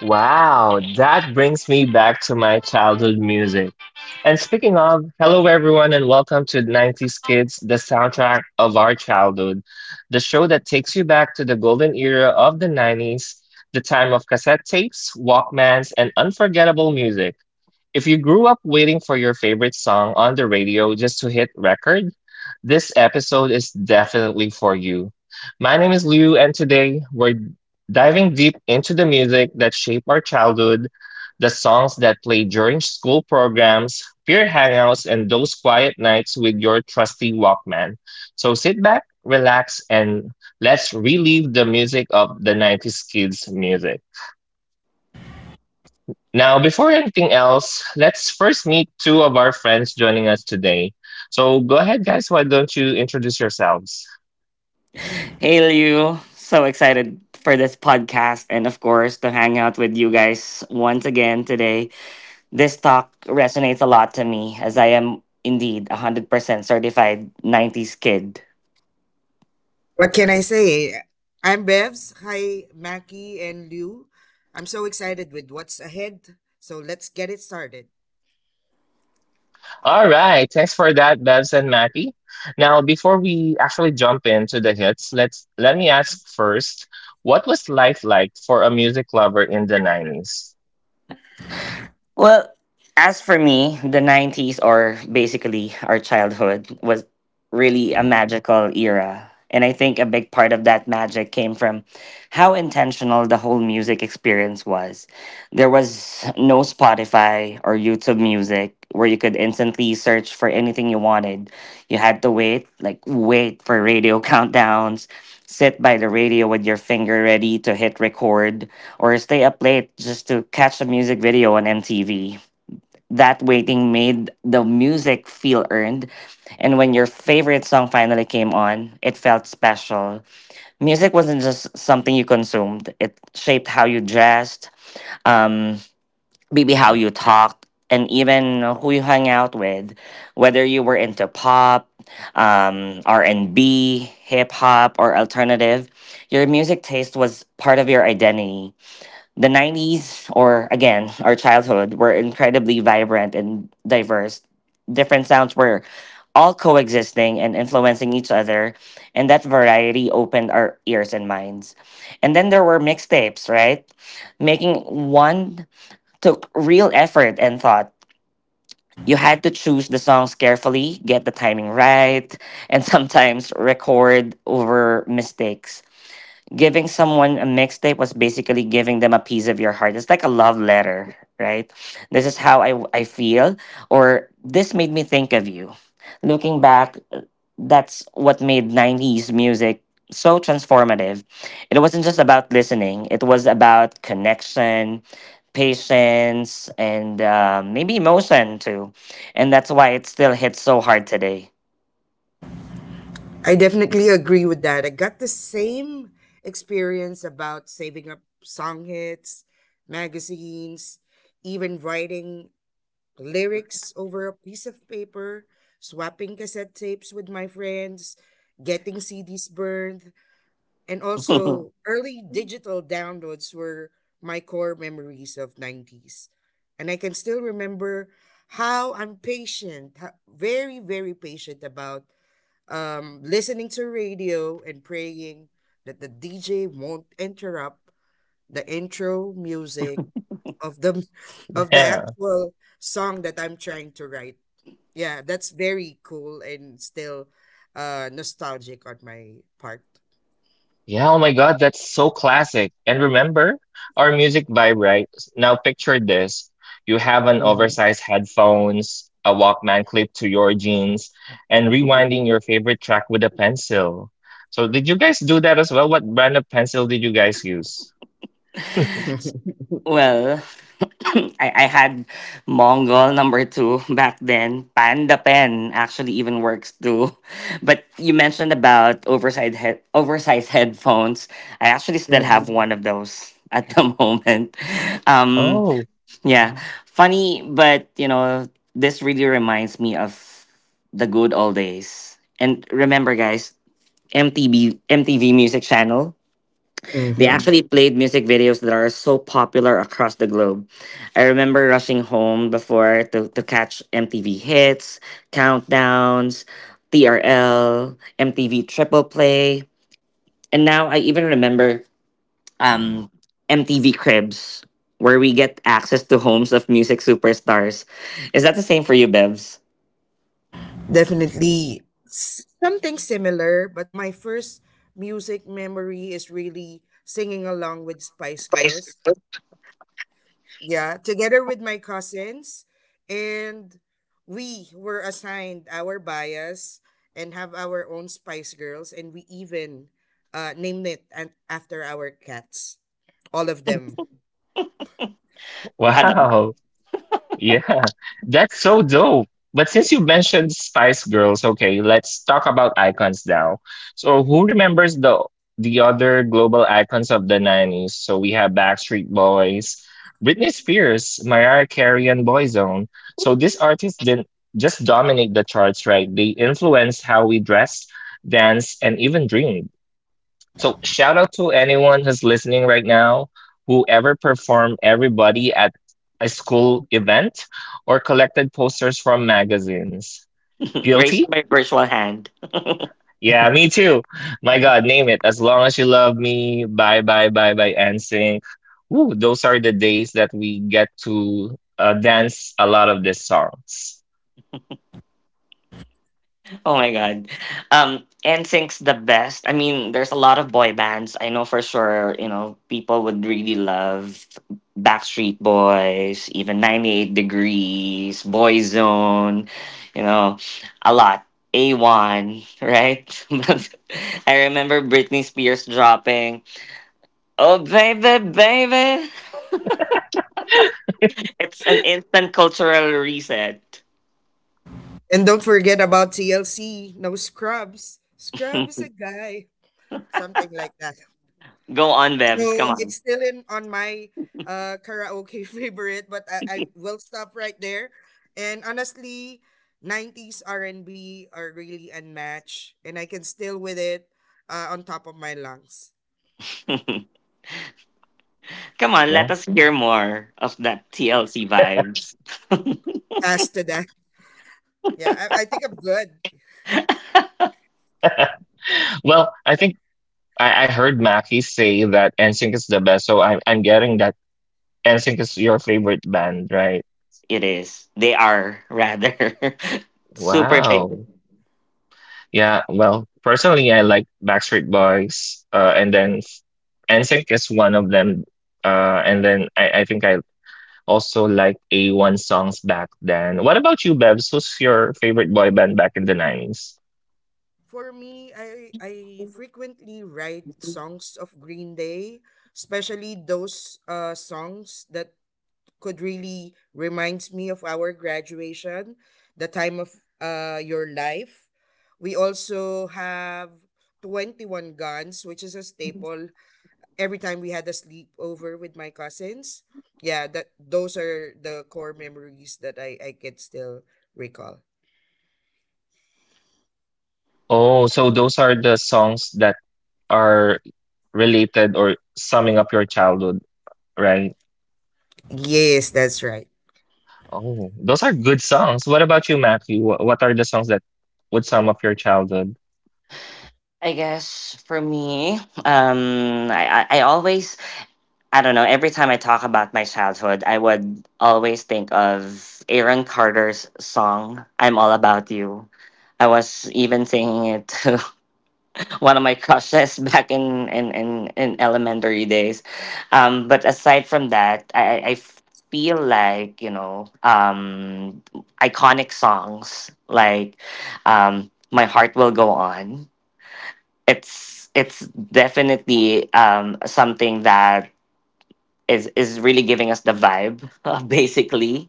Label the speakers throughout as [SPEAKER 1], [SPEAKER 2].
[SPEAKER 1] Wow, that brings me back to my childhood music. And speaking of, hello everyone and welcome to 90s Kids, the soundtrack of our childhood, the show that takes you back to the golden era of the 90s, the time of cassette tapes, Walkmans, and unforgettable music. If you grew up waiting for your favorite song on the radio just to hit record, this episode is definitely for you. My name is Liu, and today we're diving deep into the music that shaped our childhood, the songs that played during school programs, peer hangouts, and those quiet nights with your trusty Walkman. So sit back, relax, and let's relive the music of the 90s kids' music. Now, before anything else, let's first meet two of our friends joining us today. So go ahead, guys. Why don't you introduce yourselves?
[SPEAKER 2] Hey Liu, so excited for this podcast and of course to hang out with you guys once again today. This talk resonates a lot to me as I am indeed a 100% certified 90s kid.
[SPEAKER 3] What can I say? I'm Bevs. Hi, Mackie and Liu. I'm so excited with what's ahead, so let's get it started.
[SPEAKER 1] All right. Thanks for that, Bevs and Mappy. Now, before we actually jump into the hits, let me ask first, what was life like for a music lover in the 90s?
[SPEAKER 2] Well, as for me, the 90s or basically our childhood was really a magical era. And I think a big part of that magic came from how intentional the whole music experience was. There was no Spotify or YouTube music where you could instantly search for anything you wanted. You had to wait, like, wait for radio countdowns, sit by the radio with your finger ready to hit record or stay up late just to catch a music video on MTV. That waiting made the music feel earned, and when your favorite song finally came on, it felt special. Music wasn't just something you consumed, it shaped how you dressed, um, maybe how you talked, and even who you hung out with. Whether you were into pop, R&B, hip hop, or alternative, your music taste was part of your identity. The 90s, or again, our childhood, were incredibly vibrant and diverse. Different sounds were all coexisting and influencing each other, and that variety opened our ears and minds. And then there were mixtapes, right? Making one took real effort and thought. You had to choose the songs carefully, get the timing right, and sometimes record over mistakes. Giving someone a mixtape was basically giving them a piece of your heart. It's like a love letter, right? This is how I feel, or this made me think of you. Looking back, that's what made 90s music so transformative. It wasn't just about listening, it was about connection, patience, and maybe emotion too. And that's why it still hits so hard today.
[SPEAKER 3] I definitely agree with that. I got the same experience about saving up song hits, magazines, even writing lyrics over a piece of paper, swapping cassette tapes with my friends, getting CDs burned. And also, early digital downloads were my core memories of 90s. And I can still remember how I'm patient, very, very patient about listening to radio and praying that the DJ won't interrupt the intro music of the of the
[SPEAKER 1] Yeah.
[SPEAKER 3] actual song that I'm trying to write. Yeah, that's very cool and still nostalgic on my part.
[SPEAKER 1] Yeah, oh my God, that's so classic. And remember, our music vibe, right? Now picture this. You have an
[SPEAKER 3] Mhm.
[SPEAKER 1] oversized headphones, a Walkman clipped to your jeans, and rewinding your favorite track with a pencil. So did you guys do that as well? What brand of pencil did you guys use?
[SPEAKER 2] Well, I had Mongol number two back then. Panda Pen actually even works too. But you mentioned about oversized headphones. I actually still have
[SPEAKER 3] Mhm,
[SPEAKER 2] one of those at the moment. Um,
[SPEAKER 1] Oh,
[SPEAKER 2] yeah, funny, but you know, this really reminds me of the good old days. And remember, guys, MTV Music Channel. They
[SPEAKER 3] mhm.
[SPEAKER 2] actually played music videos that are so popular across the globe. I remember rushing home before to, catch MTV hits, countdowns, TRL, MTV triple play. And now I even remember um, MTV Cribs, where we get access to homes of music superstars. Is that the same for you, Bevs?
[SPEAKER 3] Definitely something similar, but my first music memory is really singing along with Spice Girls. Yeah, together with my cousins. And we were assigned our bias and have our own Spice Girls. And we even named it after our cats, all of them.
[SPEAKER 2] You had a
[SPEAKER 1] wow. Yeah, that's so dope. But since you mentioned Spice Girls, okay, let's talk about icons now. So who remembers the other global icons of the 90s? So we have Backstreet Boys, Britney Spears, Mariah Carey, and Boyzone. So these artists didn't just dominate the charts, right? They influenced how we dressed, danced, and even dreamed. So shout out to anyone who's listening right now, whoever performed everybody at a school event or collected posters from magazines. Guilty?
[SPEAKER 2] Raised by virtual hand.
[SPEAKER 1] Yeah, me too. My God, name it. As long as you love me, bye bye bye bye NSYNC. Woo, those are the days that we get to dance a lot of these songs.
[SPEAKER 2] Oh my god. NSYNC's the best. I mean, there's a lot of boy bands. I know for sure, you know, people would really love Backstreet Boys, even 98 Degrees, Boyzone, you know, a lot. A1, right? But I remember Britney Spears dropping, "Oh baby, baby." It's an instant cultural reset.
[SPEAKER 3] And don't forget about TLC, no Scrubs. Scrub is a guy, something like that.
[SPEAKER 2] Go on,
[SPEAKER 3] So
[SPEAKER 2] Bebs, come on.
[SPEAKER 3] it's still in on my karaoke favorite, but I will stop right there. And honestly, 90s R&B are really unmatched, and I can still with it on top of my lungs.
[SPEAKER 2] Come on, let
[SPEAKER 1] Yeah.
[SPEAKER 2] us hear more of that TLC vibes.
[SPEAKER 3] As to that, yeah, I think I'm good.
[SPEAKER 1] Well, I think I heard Mackie say that NSYNC is the best, so I'm getting that NSYNC is your favorite band, right?
[SPEAKER 2] It is. They are rather super favorite.
[SPEAKER 1] Wow. Yeah, well, personally, I like Backstreet Boys, and then NSYNC is one of them. And then I think I also like A1 songs back then. What about you, Bebs? Who's your favorite boy band back in the 90s?
[SPEAKER 3] For me, I frequently write songs of Green Day, especially those songs that could really reminds me of our graduation, the time of your life. We also have 21 Guns, which is a staple every time we had a sleepover with my cousins. Yeah, that those are the core memories that I can still recall.
[SPEAKER 1] Oh, so those are the songs that are related or summing up your childhood, right?
[SPEAKER 3] Yes, that's right.
[SPEAKER 1] Oh, those are good songs. What about you, Matthew? What are the songs that would sum up your childhood?
[SPEAKER 2] I guess for me, I always. I don't know. Every time I talk about my childhood, I would always think of Aaron Carter's song "I'm All About You." I was even singing it to one of my crushes back in elementary days. But aside from that, I feel like you know iconic songs like "My Heart Will Go On." It's definitely, something that is really giving us the vibe basically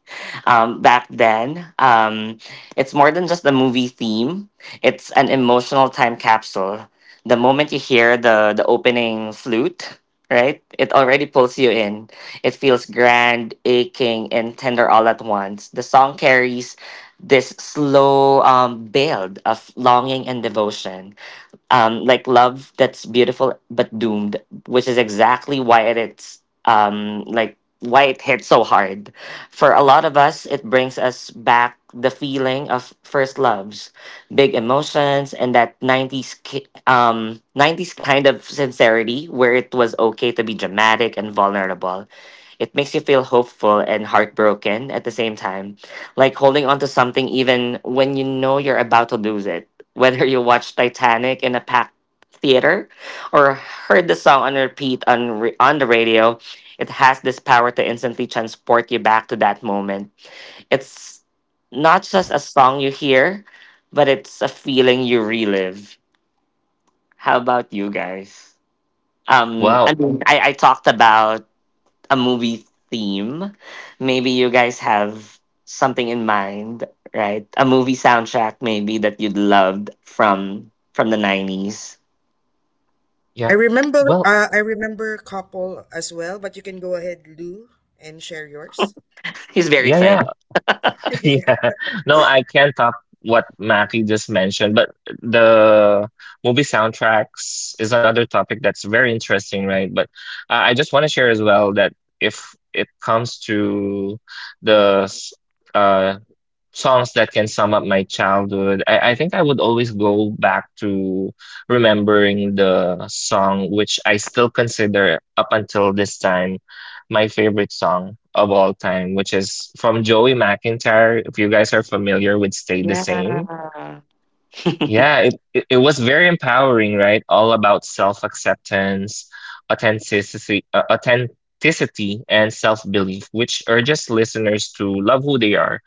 [SPEAKER 2] back then. It's more than just the movie theme. It's an emotional time capsule. The moment you hear the opening flute, right, it already pulls you in. It feels grand, aching, and tender all at once. The song carries this slow build of longing and devotion, like love that's beautiful but doomed, which is exactly why it's like why it hit so hard. For a lot of us, it brings us back the feeling of first loves, big emotions, and that 90s kind of sincerity where it was okay to be dramatic and vulnerable. It makes you feel hopeful and heartbroken at the same time, like holding on to something even when you know you're about to lose it. Whether you watched Titanic in a packed theater or heard the song on repeat on the radio, it has this power to instantly transport you back to that moment. It's not just a song you hear, but it's a feeling you relive. How about you guys?
[SPEAKER 1] Wow.
[SPEAKER 2] I mean, I talked about a movie theme. Maybe you guys have something in mind, right? A movie soundtrack maybe that you'd loved from the 90s.
[SPEAKER 3] I
[SPEAKER 1] Yeah.
[SPEAKER 3] remember
[SPEAKER 1] Well,
[SPEAKER 3] uh, I remember a couple as well, but you can go ahead, Lou, and share yours.
[SPEAKER 2] He's very
[SPEAKER 1] yeah, yeah.
[SPEAKER 2] excited.
[SPEAKER 1] Yeah. No, I can't top what Mackie just mentioned, but the movie soundtracks is another topic that's very interesting, right? But I just want to share as well that if it comes to the uh songs that can sum up my childhood, I think I would always go back to remembering the song which I still consider up until this time my favorite song of all time, which is from Joey McIntyre. If you guys are familiar with Stay the Same.
[SPEAKER 2] Yeah.
[SPEAKER 1] Yeah, it was very empowering, right? All about self-acceptance, authenticity, authenticity and self-belief, which urges listeners to love who they are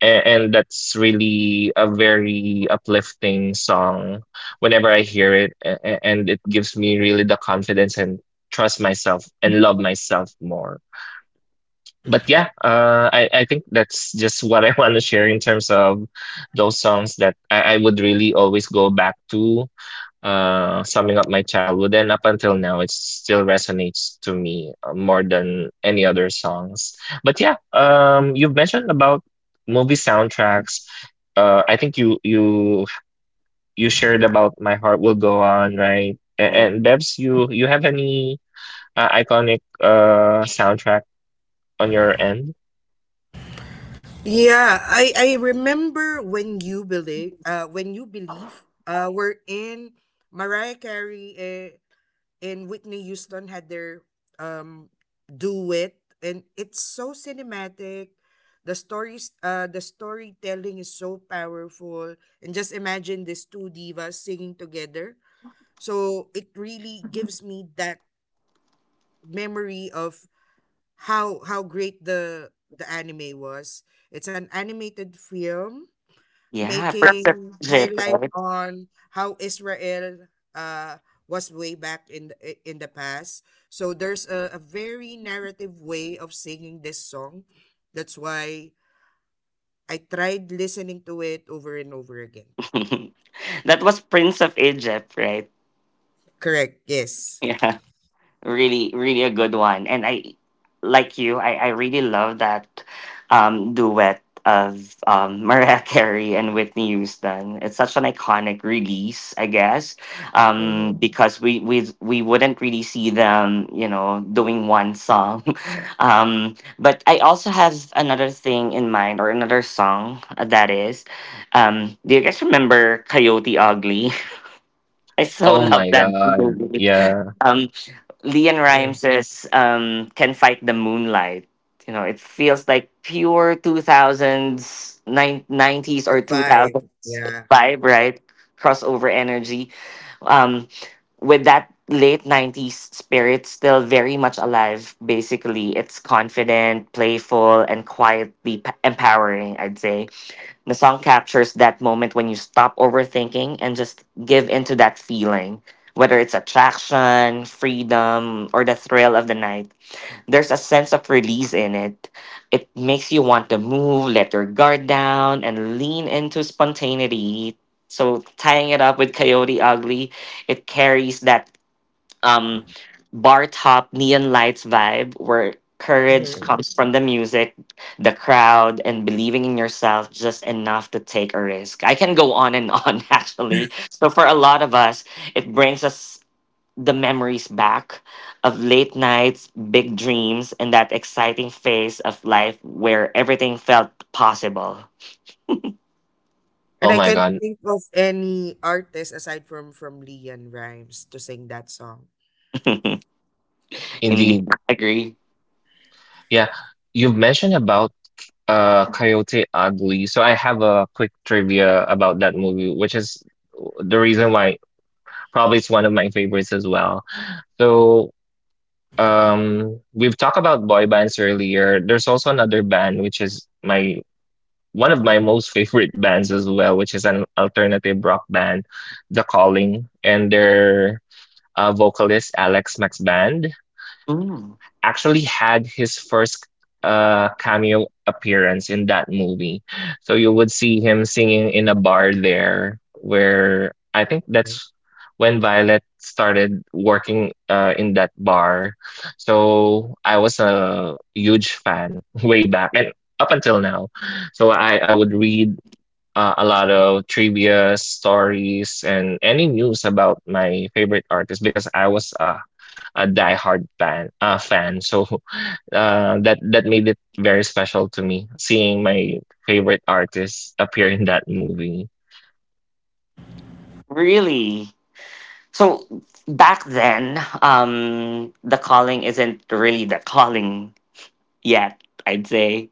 [SPEAKER 1] and that's really a very uplifting song whenever I hear it, and it gives me really the confidence and trust myself and love myself more. But yeah, I think that's just what I want to share in terms of those songs that I would really always go back to summing up my childhood, and up until now it still resonates to me more than any other songs. But yeah, you've mentioned about movie soundtracks. I think you shared about My Heart Will Go On, right? A-
[SPEAKER 2] Mm.
[SPEAKER 1] and Bevs, you have any iconic soundtrack on your end?
[SPEAKER 3] Yeah, I remember when you believe were in Mariah Carey and Whitney Houston had their um duet, and it's so cinematic. The stories, the storytelling is so powerful, and just imagine these two divas singing together. So it really gives me that memory of how great the anime was. It's an animated film
[SPEAKER 2] Yeah, Prince of
[SPEAKER 3] making
[SPEAKER 2] Egypt,
[SPEAKER 3] highlight
[SPEAKER 2] right?
[SPEAKER 3] on how Israel uh, was way back in the, in the past. So there's a very narrative way of singing this song. That's why I tried listening to it over and over again.
[SPEAKER 2] That was Prince of Egypt, right?
[SPEAKER 3] Correct. Yes.
[SPEAKER 2] Yeah. Really, really a good one, and I like you, I really love that duet of Mariah Carey and Whitney Houston. It's such an iconic release, I guess,
[SPEAKER 3] Mm-hmm.
[SPEAKER 2] because we wouldn't really see them, you know, doing one song. But I also have another thing in mind, or another song that is. Do you guys remember Coyote Ugly? I so
[SPEAKER 1] Oh
[SPEAKER 2] love
[SPEAKER 1] my
[SPEAKER 2] that
[SPEAKER 1] god,
[SPEAKER 2] movie.
[SPEAKER 1] yeah.
[SPEAKER 2] Um, Leon
[SPEAKER 3] Yeah,
[SPEAKER 2] Rimes says, "Can fight the moonlight." You know, it feels like pure 2000s, nineties or
[SPEAKER 3] the
[SPEAKER 2] two
[SPEAKER 3] vibe.
[SPEAKER 2] thousands
[SPEAKER 3] Yeah.
[SPEAKER 2] vibe, right? Crossover energy. Um, with that late 90s spirit still very much alive. Basically, it's confident, playful, and quietly empowering. I'd say the song captures that moment when you stop overthinking and just give into that feeling. Whether it's attraction, freedom, or the thrill of the night, there's a sense of release in it. It makes you want to move, let your guard down, and lean into spontaneity. So, tying it up with Coyote Ugly, it carries that um, bar top neon lights vibe where courage
[SPEAKER 3] hmm
[SPEAKER 2] comes from the music, the crowd, and believing in yourself just enough to take a risk. I can go on and on, actually. So for a lot of us, it brings us the memories back of late nights, big dreams, and that exciting phase of life where everything felt possible.
[SPEAKER 3] And
[SPEAKER 1] Oh
[SPEAKER 3] I
[SPEAKER 1] my
[SPEAKER 3] can't
[SPEAKER 1] god,
[SPEAKER 3] think of any artist aside from Leon Rhymes to sing that song.
[SPEAKER 2] Indeed,
[SPEAKER 1] indeed.
[SPEAKER 2] I agree.
[SPEAKER 1] Yeah, you've mentioned about Coyote Ugly. So I have a quick trivia about that movie, which is the reason why probably it's one of my favorites as well. So, we've talked about boy bands earlier. There's also another band which is my one of my most favorite bands as well, which is an alternative rock band, The Calling, and their vocalist Alex Max Band
[SPEAKER 2] Mm,
[SPEAKER 1] actually had his first cameo appearance in that movie. So you would see him singing in a bar there where I think that's when Violet started working in that bar. So I was a huge fan way back and up until now. So I would read a lot of trivia stories and any news about my favorite artist because I was a diehard fan. So that made it very special to me seeing my favorite artist appear in that movie.
[SPEAKER 2] really? So back then, the calling isn't really the calling yet. I'd say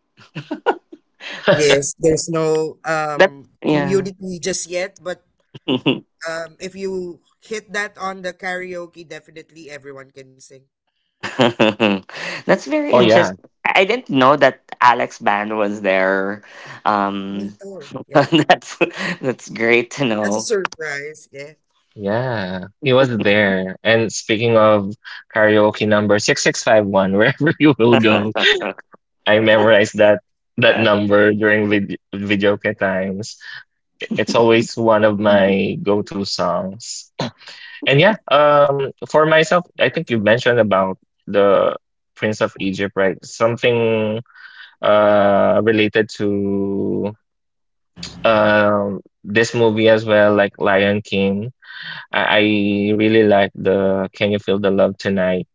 [SPEAKER 3] Yes, there's no
[SPEAKER 2] that. Yeah,
[SPEAKER 3] community just yet, but if you hit that on the karaoke, definitely everyone can sing.
[SPEAKER 2] that's very
[SPEAKER 1] Oh yeah,
[SPEAKER 2] interesting. I didn't know that Alex Band was there.
[SPEAKER 3] Me
[SPEAKER 2] Um,
[SPEAKER 3] too. Yeah.
[SPEAKER 2] that's that's great to
[SPEAKER 3] That's a
[SPEAKER 2] know.
[SPEAKER 3] surprise. Yeah,
[SPEAKER 1] yeah, he was there. And speaking of karaoke number 6651, wherever you will go, I memorized that number during videoke times. It's always one of my go-to songs. And yeah, for myself, I think you mentioned about the Prince of Egypt, right? Something related to um this movie as well, like Lion King. I really like the Can You Feel the Love Tonight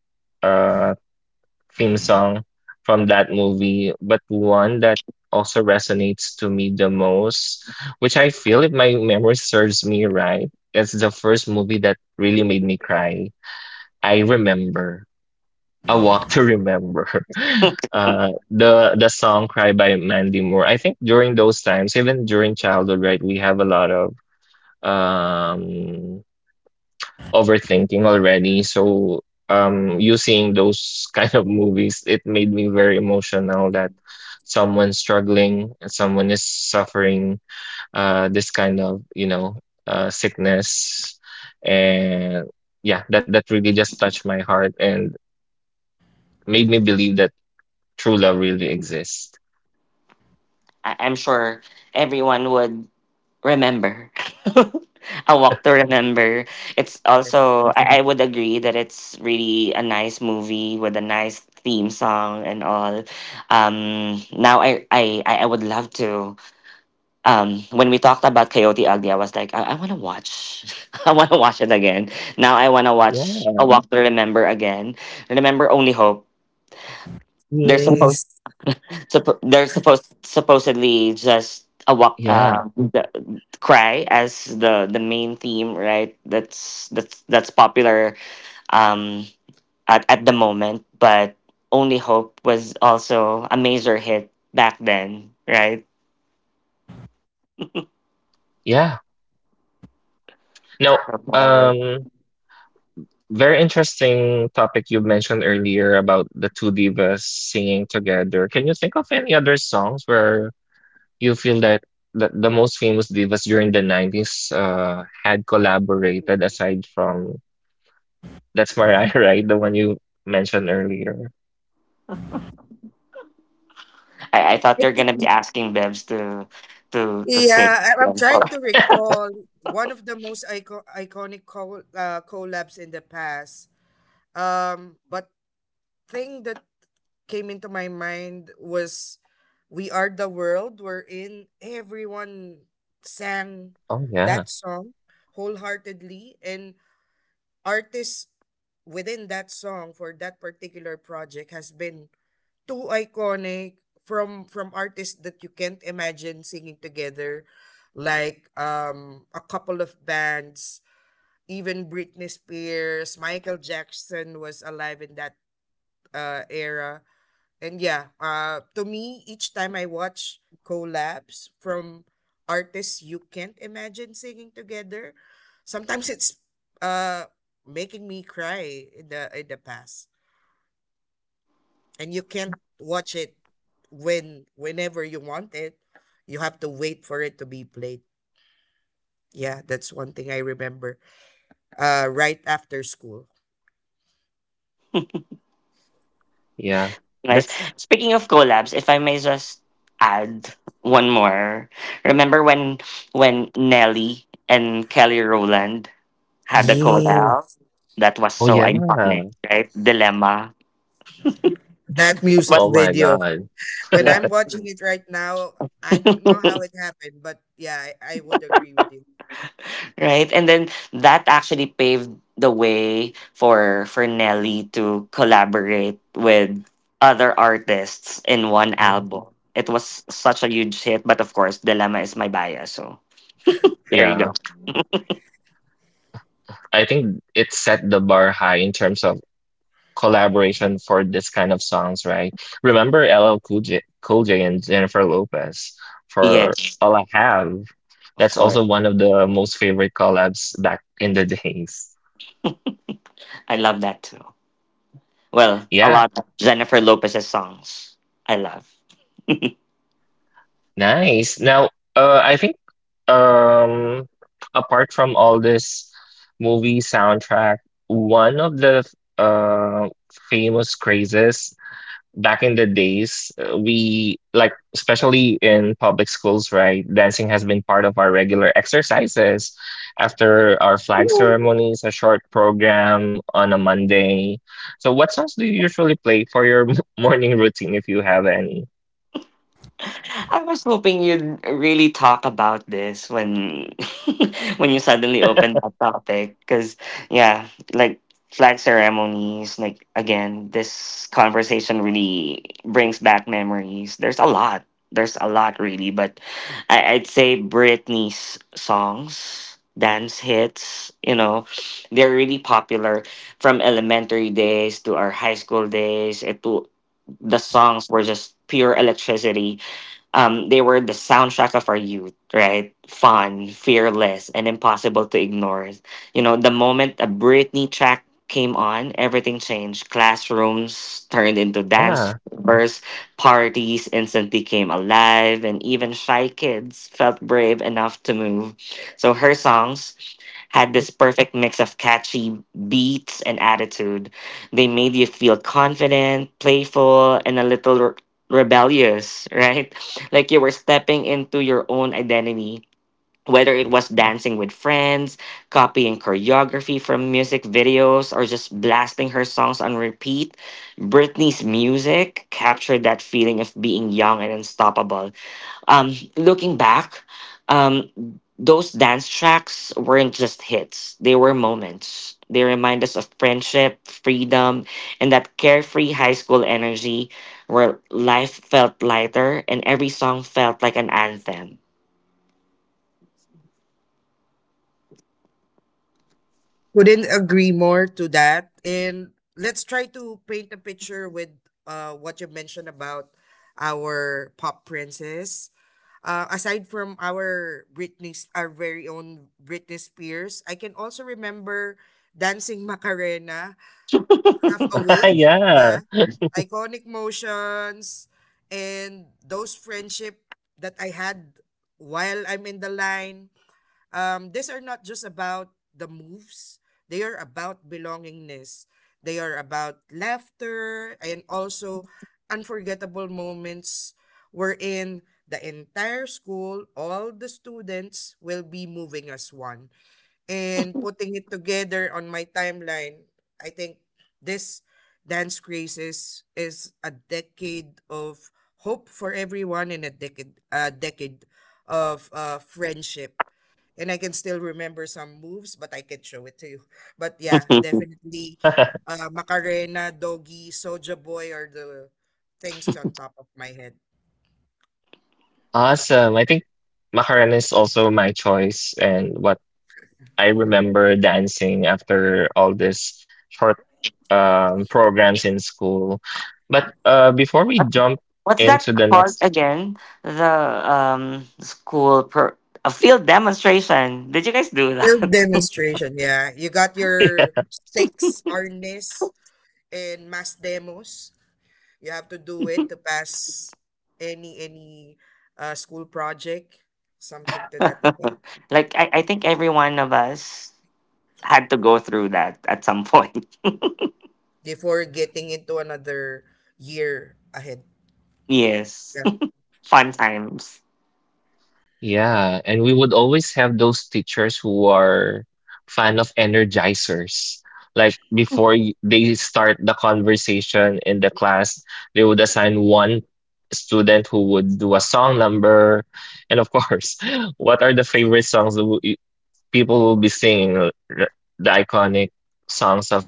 [SPEAKER 1] uh theme song from that movie, but one that also resonates to me the most, which I feel, if my memory serves me right, it's the first movie that really made me cry I remember. A Walk to Remember. The song "Cry" by Mandy Moore. I think during those times, even during childhood, right, we have a lot of um overthinking already. So you seeing those kind of movies, it made me very emotional that someone's struggling, someone is suffering this kind of, you know, sickness, and yeah, that that really just touched my heart and made me believe that true love really exists.
[SPEAKER 2] I'm sure everyone would remember. A Walk to Remember. It's also
[SPEAKER 3] definitely.
[SPEAKER 2] I would agree that it's really a nice movie with a nice theme song and all. Now I would love to when we talked about Coyote Ugly, I was like, I wanna watch I wanna watch it again. Now I wanna
[SPEAKER 1] Yeah,
[SPEAKER 2] watch A Walk to Remember again. Remember Only Hope. They're supposed
[SPEAKER 3] Yes.
[SPEAKER 2] they're supposedly just a walk,
[SPEAKER 1] yeah,
[SPEAKER 2] cry as the main theme, right? That's popular, um, at the moment, but Only Hope was also a major hit back then, right?
[SPEAKER 1] yeah. Now, um, very interesting topic you mentioned earlier about the two divas singing together. Can you think of any other songs where you feel that the most famous divas during the 90s had collaborated aside from that's Mariah, right? The one you mentioned earlier.
[SPEAKER 2] I thought
[SPEAKER 3] I
[SPEAKER 2] they're
[SPEAKER 3] think-
[SPEAKER 2] gonna be asking Bebs to sing
[SPEAKER 3] Yeah, I'm
[SPEAKER 2] them.
[SPEAKER 3] trying to recall one of the most iconic collabs in the past. But thing that came into my mind was We Are the World, wherein everyone sang
[SPEAKER 1] Oh
[SPEAKER 3] that
[SPEAKER 1] yeah,
[SPEAKER 3] song wholeheartedly, and artists within that song for that particular project has been too iconic from artists that you can't imagine singing together, like a couple of bands, even Britney Spears. Michael Jackson was alive in that era. And yeah, to me, each time I watch collabs from artists you can't imagine singing together, sometimes it's uh making me cry in the past. And you can't watch it whenever you want it. You have to wait for it to be played. Yeah, that's one thing I remember. Right after school.
[SPEAKER 1] yeah.
[SPEAKER 2] Nice.
[SPEAKER 1] That's
[SPEAKER 2] Speaking of collabs, if I may just add one more. Remember when Nelly and Kelly Rowland had a collab?
[SPEAKER 3] Yes,
[SPEAKER 2] That was
[SPEAKER 1] oh
[SPEAKER 2] so
[SPEAKER 1] yeah.
[SPEAKER 2] iconic, right? Dilemma.
[SPEAKER 3] that
[SPEAKER 2] It
[SPEAKER 3] music
[SPEAKER 2] was
[SPEAKER 1] Oh my
[SPEAKER 3] video.
[SPEAKER 1] God.
[SPEAKER 3] When
[SPEAKER 2] Yeah.
[SPEAKER 3] I'm watching it right now, I don't know how it happened, but yeah, I would agree with you.
[SPEAKER 2] Right? And then that actually paved the way for Nelly to collaborate with other artists in one
[SPEAKER 3] Yeah.
[SPEAKER 2] album. It was such a huge hit, but of course, Dilemma is my bias, so there you go.
[SPEAKER 1] Yeah. I think it set the bar high in terms of collaboration for this kind of songs, right? Remember LL Cool J, Cool J and Jennifer Lopez for
[SPEAKER 2] Yes,
[SPEAKER 1] All I Have.
[SPEAKER 2] of
[SPEAKER 1] That's
[SPEAKER 2] course.
[SPEAKER 1] also one of the most favorite collabs back in the days.
[SPEAKER 2] I love that too. Well, a
[SPEAKER 1] Yeah,
[SPEAKER 2] lot of Jennifer Lopez's songs I love.
[SPEAKER 1] nice. Now, I think um, apart from all this movie soundtrack, one of the uh, famous crazes back in the days, we like, especially in public schools, right? Dancing has been part of our regular exercises. After our flag ceremonies, a short program on a Monday. So, what songs do you usually play for your morning routine if you have any?
[SPEAKER 2] I was hoping you'd really talk about this when when you suddenly opened that topic because yeah, like flag ceremonies, like again, this conversation really brings back memories. There's a lot. There's a lot, really, but I'd say Britney's songs, dance hits, you know, they're really popular from elementary days to our high school days. It to The songs were just pure electricity, they were the soundtrack of our youth, right? Fun, fearless, and impossible to ignore. You know, the moment a Britney track came on, everything changed. Classrooms turned into dance
[SPEAKER 1] Yeah,
[SPEAKER 2] floors, parties instantly came alive, and even shy kids felt brave enough to move. So her songs had this perfect mix of catchy beats and attitude. They made you feel confident, playful, and a little rebellious, right? Like you were stepping into your own identity, whether it was dancing with friends, copying choreography from music videos, or just blasting her songs on repeat. Britney's music captured that feeling of being young and unstoppable. Looking back, um, those dance tracks weren't just hits, they were moments. They remind us of friendship, freedom, and that carefree high school energy where life felt lighter and every song felt like an anthem.
[SPEAKER 3] Couldn't agree more to that. And let's try to paint a picture with, what you mentioned about our pop princess. Aside from our Britney, our very own Britney Spears, I can also remember dancing Macarena, half awake.
[SPEAKER 1] yeah,
[SPEAKER 3] Yeah, iconic motions and those friendship that I had while I'm in the line. These are not just about the moves. They are about belongingness. They are about laughter and also unforgettable moments wherein the entire school, all the students will be moving as one. And putting it together on my timeline, I think this dance craze is a decade of hope for everyone and a decade, of friendship. And I can still remember some moves, but I can show it to you. But yeah, definitely Macarena, Doggy, Soja Boy are the things on top of my head.
[SPEAKER 1] awesome. I think Macarena is also my choice, and what I remember dancing after all these short programs in school. But before we jump
[SPEAKER 2] What's that
[SPEAKER 1] into the
[SPEAKER 2] called
[SPEAKER 1] next,
[SPEAKER 2] again? The um, school per- a field demonstration. Did you guys do
[SPEAKER 3] Field
[SPEAKER 2] that?
[SPEAKER 3] demonstration, yeah. You got your sticks, harness, and mass demos. You have to do it to pass any school project, something to that effect,
[SPEAKER 2] Like I think every one of us had to go through that at some point.
[SPEAKER 3] before getting into another year ahead.
[SPEAKER 2] Yes.
[SPEAKER 3] Yeah.
[SPEAKER 2] Fun times.
[SPEAKER 1] yeah, and we would always have those teachers who are fan of energizers. Like before they start the conversation in the class, they would assign one student who would do a song number. And of course, what are the favorite songs people will be singing, the iconic songs of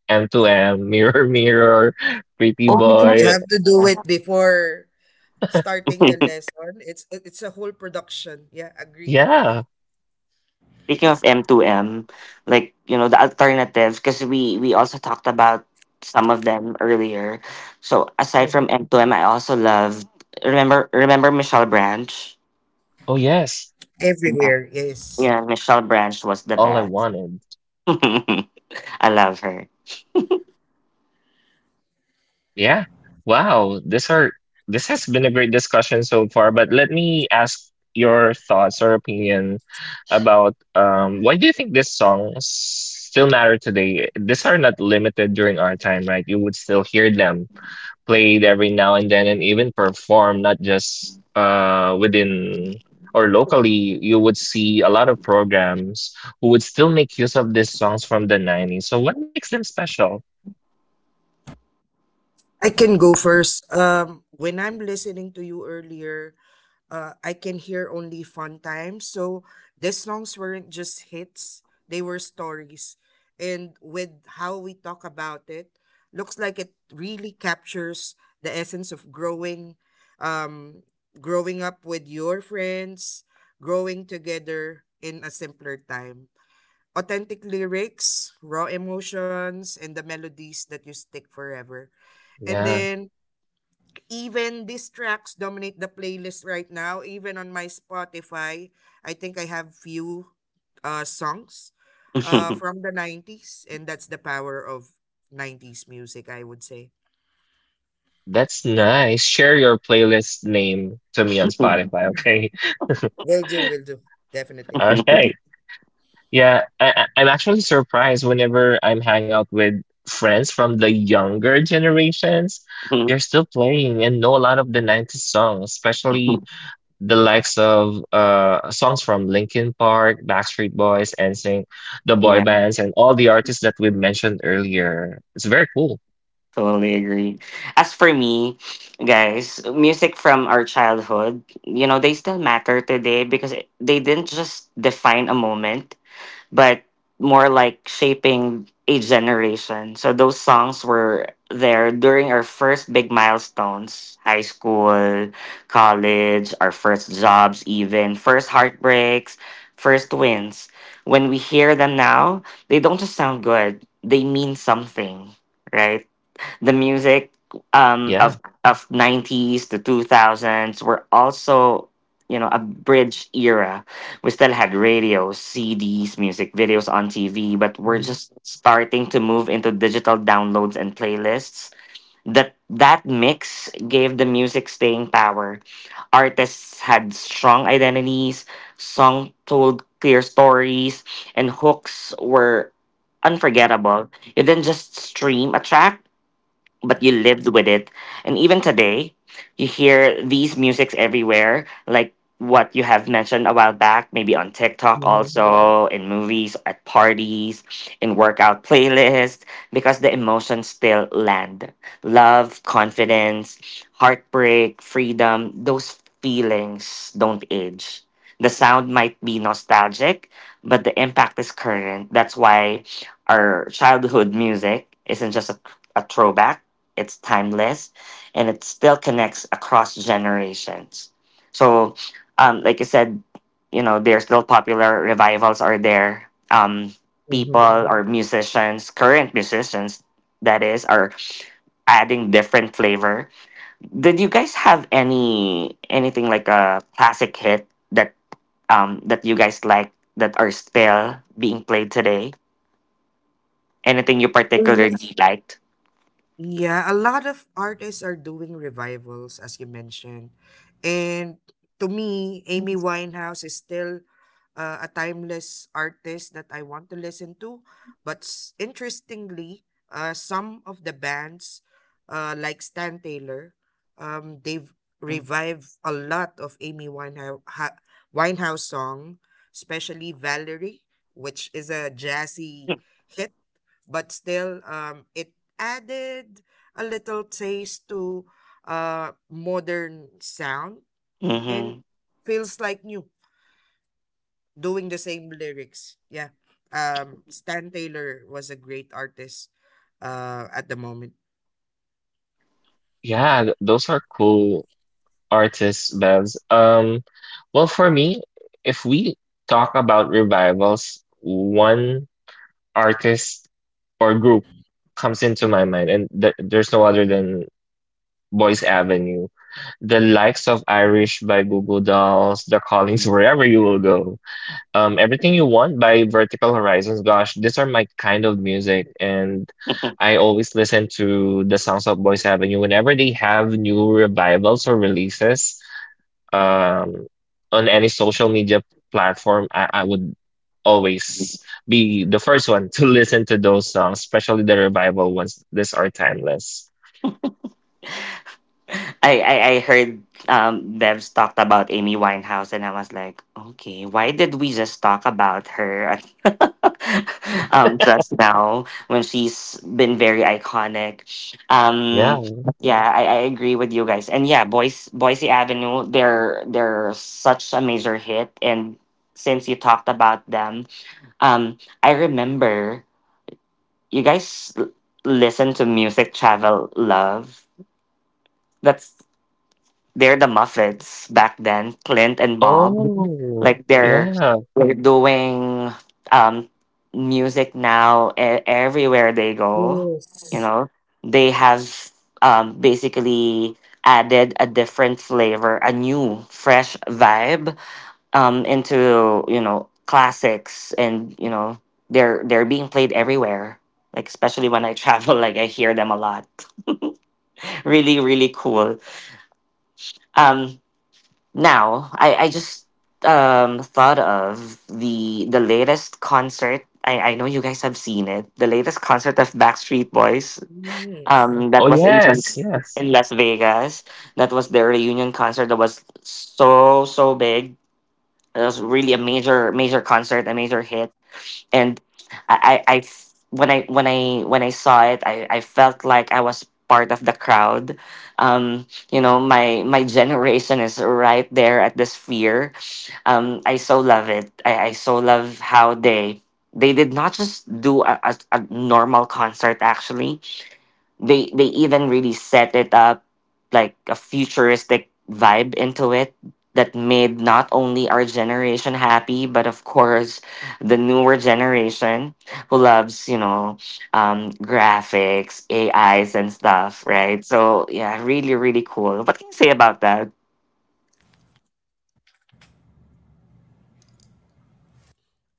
[SPEAKER 1] M2M, Mirror Mirror, Pretty
[SPEAKER 2] Oh yeah.
[SPEAKER 3] You
[SPEAKER 1] Boy.
[SPEAKER 3] have to do it before starting the lesson. It's a whole production. Yeah, agree.
[SPEAKER 1] Yeah.
[SPEAKER 2] Speaking of M2M, like, you know, the alternatives, because we also talked about some of them earlier. So aside from
[SPEAKER 3] Mhm.
[SPEAKER 2] M2M, I also loved, remember Michelle Branch?
[SPEAKER 1] Oh yes.
[SPEAKER 3] Everywhere,
[SPEAKER 2] Yeah,
[SPEAKER 3] yes.
[SPEAKER 2] yeah, Michelle Branch was the
[SPEAKER 1] All I
[SPEAKER 2] best.
[SPEAKER 1] wanted.
[SPEAKER 2] I love her.
[SPEAKER 1] Yeah. Wow. This has been a great discussion so far, but let me ask your thoughts or opinion about why do you think these songs still matter today? These are not limited during our time, right? You would still hear them played every now and then and even perform, not just within or locally. You would see a lot of programs who would still make use of these songs from the 90s. So what makes them special?
[SPEAKER 3] I can go first. When I'm listening to you earlier, I can hear only fun times. So these songs weren't just hits; they were stories. And with how we talk about it, looks like it really captures the essence of growing, um, growing up with your friends, growing together in a simpler time. Authentic lyrics, raw emotions, and the melodies that you stick forever. And
[SPEAKER 1] Yeah,
[SPEAKER 3] then even these tracks dominate the playlist right now, even on my Spotify. I think I have few songs from the 90s, and that's the power of 90s music, I would say.
[SPEAKER 1] that's nice. Share your playlist name to me on Spotify, okay?
[SPEAKER 3] Will do, will do, definitely.
[SPEAKER 1] all right. Yeah, I'm actually surprised whenever I'm hanging out with friends from the younger generations. They're still playing and know a lot of the 90s songs, especially the likes of songs from Linkin Park, Backstreet Boys, NSYNC, the boy
[SPEAKER 2] Yeah.
[SPEAKER 1] bands, and all the artists that we mentioned earlier. It's very cool.
[SPEAKER 2] Totally agree. As for me, guys, music from our childhood, you know, they still matter today they didn't just define a moment, but more like shaping a generation. So those songs were there during our first big milestones, high school, college, our first jobs, even first heartbreaks, first wins. When we hear them now, they don't just sound good, they mean something, right? The music um of
[SPEAKER 1] Yeah.
[SPEAKER 2] of 90s to 2000s were also, you know, a bridge era. We still had radios, cds, music videos on tv, but we're
[SPEAKER 3] Mm-hmm,
[SPEAKER 2] just starting to move into digital downloads and playlists. That mix gave the music staying power. Artists had strong identities, song told clear stories, and hooks were unforgettable. You didn't just stream a track, but you lived with it. And even today, you hear these musics everywhere, like what you have mentioned a while back, maybe on TikTok
[SPEAKER 3] mm-hmm,
[SPEAKER 2] also, in movies, at parties, in workout playlists, because the emotions still land. Love, confidence, heartbreak, freedom, those feelings don't age. The sound might be nostalgic, but the impact is current. That's why our childhood music isn't just a throwback, it's timeless and it still connects across generations. So like I said, you know, there's still popular revivals are there, people
[SPEAKER 3] mm-hmm.
[SPEAKER 2] or musicians current musicians that is are adding different flavor. Did you guys have anything like a classic hit that that you guys like that are still being played today, anything you particularly liked?
[SPEAKER 3] Yeah, a lot of artists are doing revivals, as you mentioned. And to me, Amy Winehouse is still a timeless artist that I want to listen to. But interestingly, some of the bands, like Stan Taylor, they've revived a lot of Amy Winehouse, Winehouse song, especially Valerie, which is a jazzy hit, but still it added a little taste to modern sound and
[SPEAKER 2] Mm-hmm.
[SPEAKER 3] feels like new, doing the same lyrics. Yeah. Um, Stan Taylor was a great artist at the moment.
[SPEAKER 1] Yeah, those are cool artists, Bevs. Well, for me, if we talk about revivals, one artist or group comes into my mind, and th there's no other than Boys Avenue. The likes of Irish by Google Dolls, The Callings, Wherever You Will Go. Everything You Want by Vertical Horizons. Gosh, these are my kind of music, and I always listen to the songs of Boys Avenue whenever they have new revivals or releases. Um, on any social media platform, I would always be the first one to listen to those songs, especially the revival ones. These are timeless.
[SPEAKER 2] I heard Devs talked about Amy Winehouse, and I was like, okay, why did we just talk about her just now when she's been very iconic?
[SPEAKER 1] Yeah.
[SPEAKER 2] Um, yeah, I agree with you guys. And yeah, Boise Avenue, they're such a major hit. And since you talked about them, I remember you guys l- listen to Music Travel Love. That's the Muffets back then, Clint and Bob.
[SPEAKER 1] Oh,
[SPEAKER 2] Like they're
[SPEAKER 1] yeah.
[SPEAKER 2] they're doing um music now everywhere they go. You
[SPEAKER 3] Yes.
[SPEAKER 2] know, they have basically added a different flavor, a new fresh vibe into, you know, classics and, you know, they're being played everywhere. Like especially when I travel, like I hear them a lot. Really, really cool. Um, now, I just thought of the latest concert. I know you guys have seen it. The latest concert of Backstreet Boys.
[SPEAKER 3] Yes.
[SPEAKER 2] That
[SPEAKER 1] Oh,
[SPEAKER 2] was
[SPEAKER 1] yes, yes.
[SPEAKER 2] in Las Vegas. That was their reunion concert. That was so so big. It was really a major major concert, a major hit. And I, when I saw it, I felt like I was part of the crowd. You know, my generation is right there at the sphere. I so love it. I so love how they did not just do a normal concert. Actually, they even really set it up like a futuristic vibe into it that made not only our generation happy, but of course the newer generation who loves, you know, graphics, AIs and stuff,
[SPEAKER 3] Mm.
[SPEAKER 2] right? So yeah, really, really cool. What can you say about that?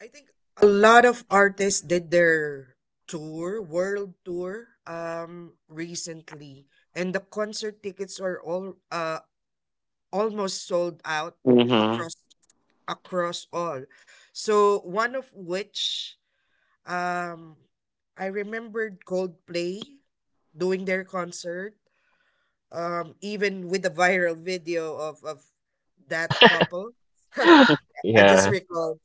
[SPEAKER 3] I think a lot of artists did their tour, world tour, recently, and the concert tickets are all almost sold out
[SPEAKER 2] Mm-hmm.
[SPEAKER 3] across, across all. So one of which, um I remembered Coldplay doing their concert, even with the viral video of that couple. I just
[SPEAKER 1] Yeah.
[SPEAKER 3] recall,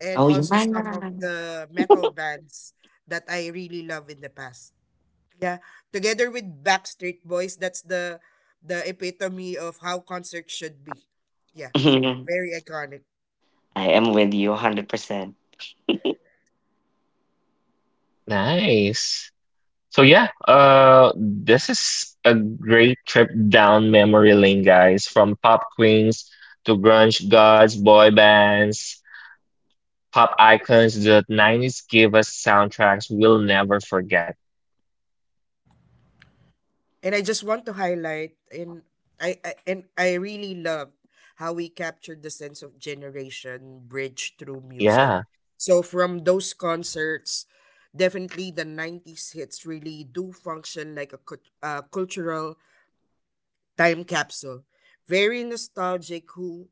[SPEAKER 3] and
[SPEAKER 2] Oh yeah.
[SPEAKER 3] also some of the metal bands that I really love in the past. Yeah, together with Backstreet Boys, that's the epitome of how concerts should be. Yeah, very iconic.
[SPEAKER 2] I am with you 100%.
[SPEAKER 1] Nice. So yeah, this is a great trip down memory lane, guys. From pop queens to grunge gods, boy bands, pop icons, the 90s gave us soundtracks we'll never forget.
[SPEAKER 3] And I just want to highlight, and I and I really loved how we captured the sense of generation bridge through music.
[SPEAKER 1] Yeah,
[SPEAKER 3] So from those concerts, definitely the 90s hits really do function like a cultural time capsule. Very nostalgic who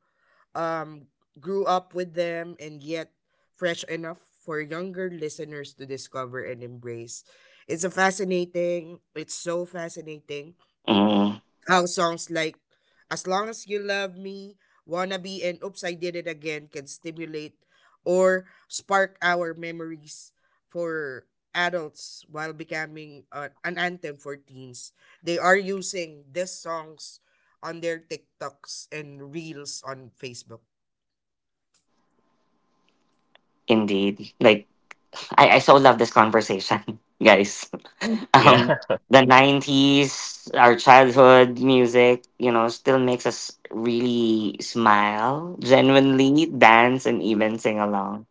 [SPEAKER 3] um grew up with them, and yet fresh enough for younger listeners to discover and embrace. It's a fascinating, it's so fascinating
[SPEAKER 2] Mm,
[SPEAKER 3] how songs like As Long As You Love Me, Wannabe, and Oops, I Did It Again can stimulate or spark our memories for adults while becoming, an anthem for teens. They are using these songs on their TikToks and Reels on Facebook.
[SPEAKER 2] indeed. Like I so love this conversation, guys.
[SPEAKER 1] yeah,
[SPEAKER 2] Um, the 90s, our childhood music, you know, still makes us really smile, genuinely dance, and even sing along.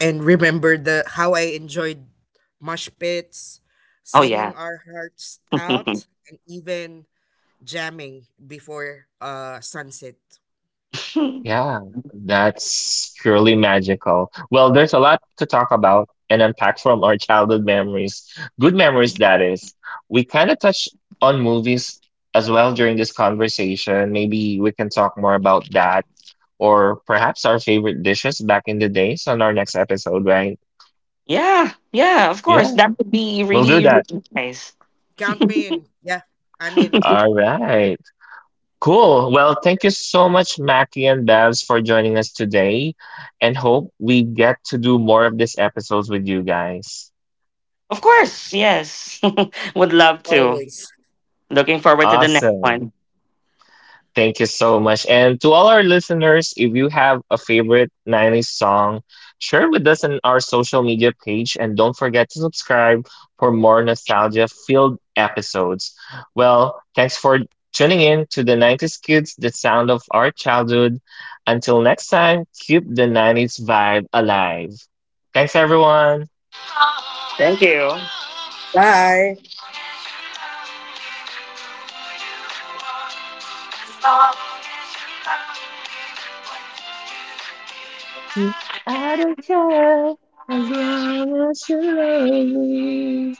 [SPEAKER 3] And remember the how I enjoyed mosh pits,
[SPEAKER 2] Oh
[SPEAKER 3] singing
[SPEAKER 2] yeah,
[SPEAKER 3] our hearts out, and even jamming before sunset.
[SPEAKER 1] yeah. That's purely magical. Well, there's a lot to talk about and unpack from our childhood memories. Good memories, that is. We kind of touched on movies as well during this conversation. Maybe we can talk more about that, or perhaps our favorite dishes back in the days on our next episode, right?
[SPEAKER 2] yeah, yeah. Of
[SPEAKER 1] Yeah,
[SPEAKER 2] course, that would be
[SPEAKER 1] we'll do
[SPEAKER 2] really,
[SPEAKER 1] that.
[SPEAKER 2] really nice.
[SPEAKER 3] Count me in. Yeah, I'm in.
[SPEAKER 1] All right. Cool. Well, thank you so much, Mackie and Babs, for joining us today, and hope we get to do more of these episodes with you guys.
[SPEAKER 2] Of course, yes. Would love to.
[SPEAKER 3] Always.
[SPEAKER 2] Looking forward to the next
[SPEAKER 1] Awesome.
[SPEAKER 2] one.
[SPEAKER 1] Thank you so much. And to all our listeners, if you have a favorite 90s song, share with us on our social media page and don't forget to subscribe for more nostalgia filled episodes. Well, thanks for tuning in to the 90s Kids, the sound of our childhood. Until next time, keep the 90s vibe alive. Thanks, everyone.
[SPEAKER 2] Thank you.
[SPEAKER 3] Bye.
[SPEAKER 1] To I don't care as long as you love me.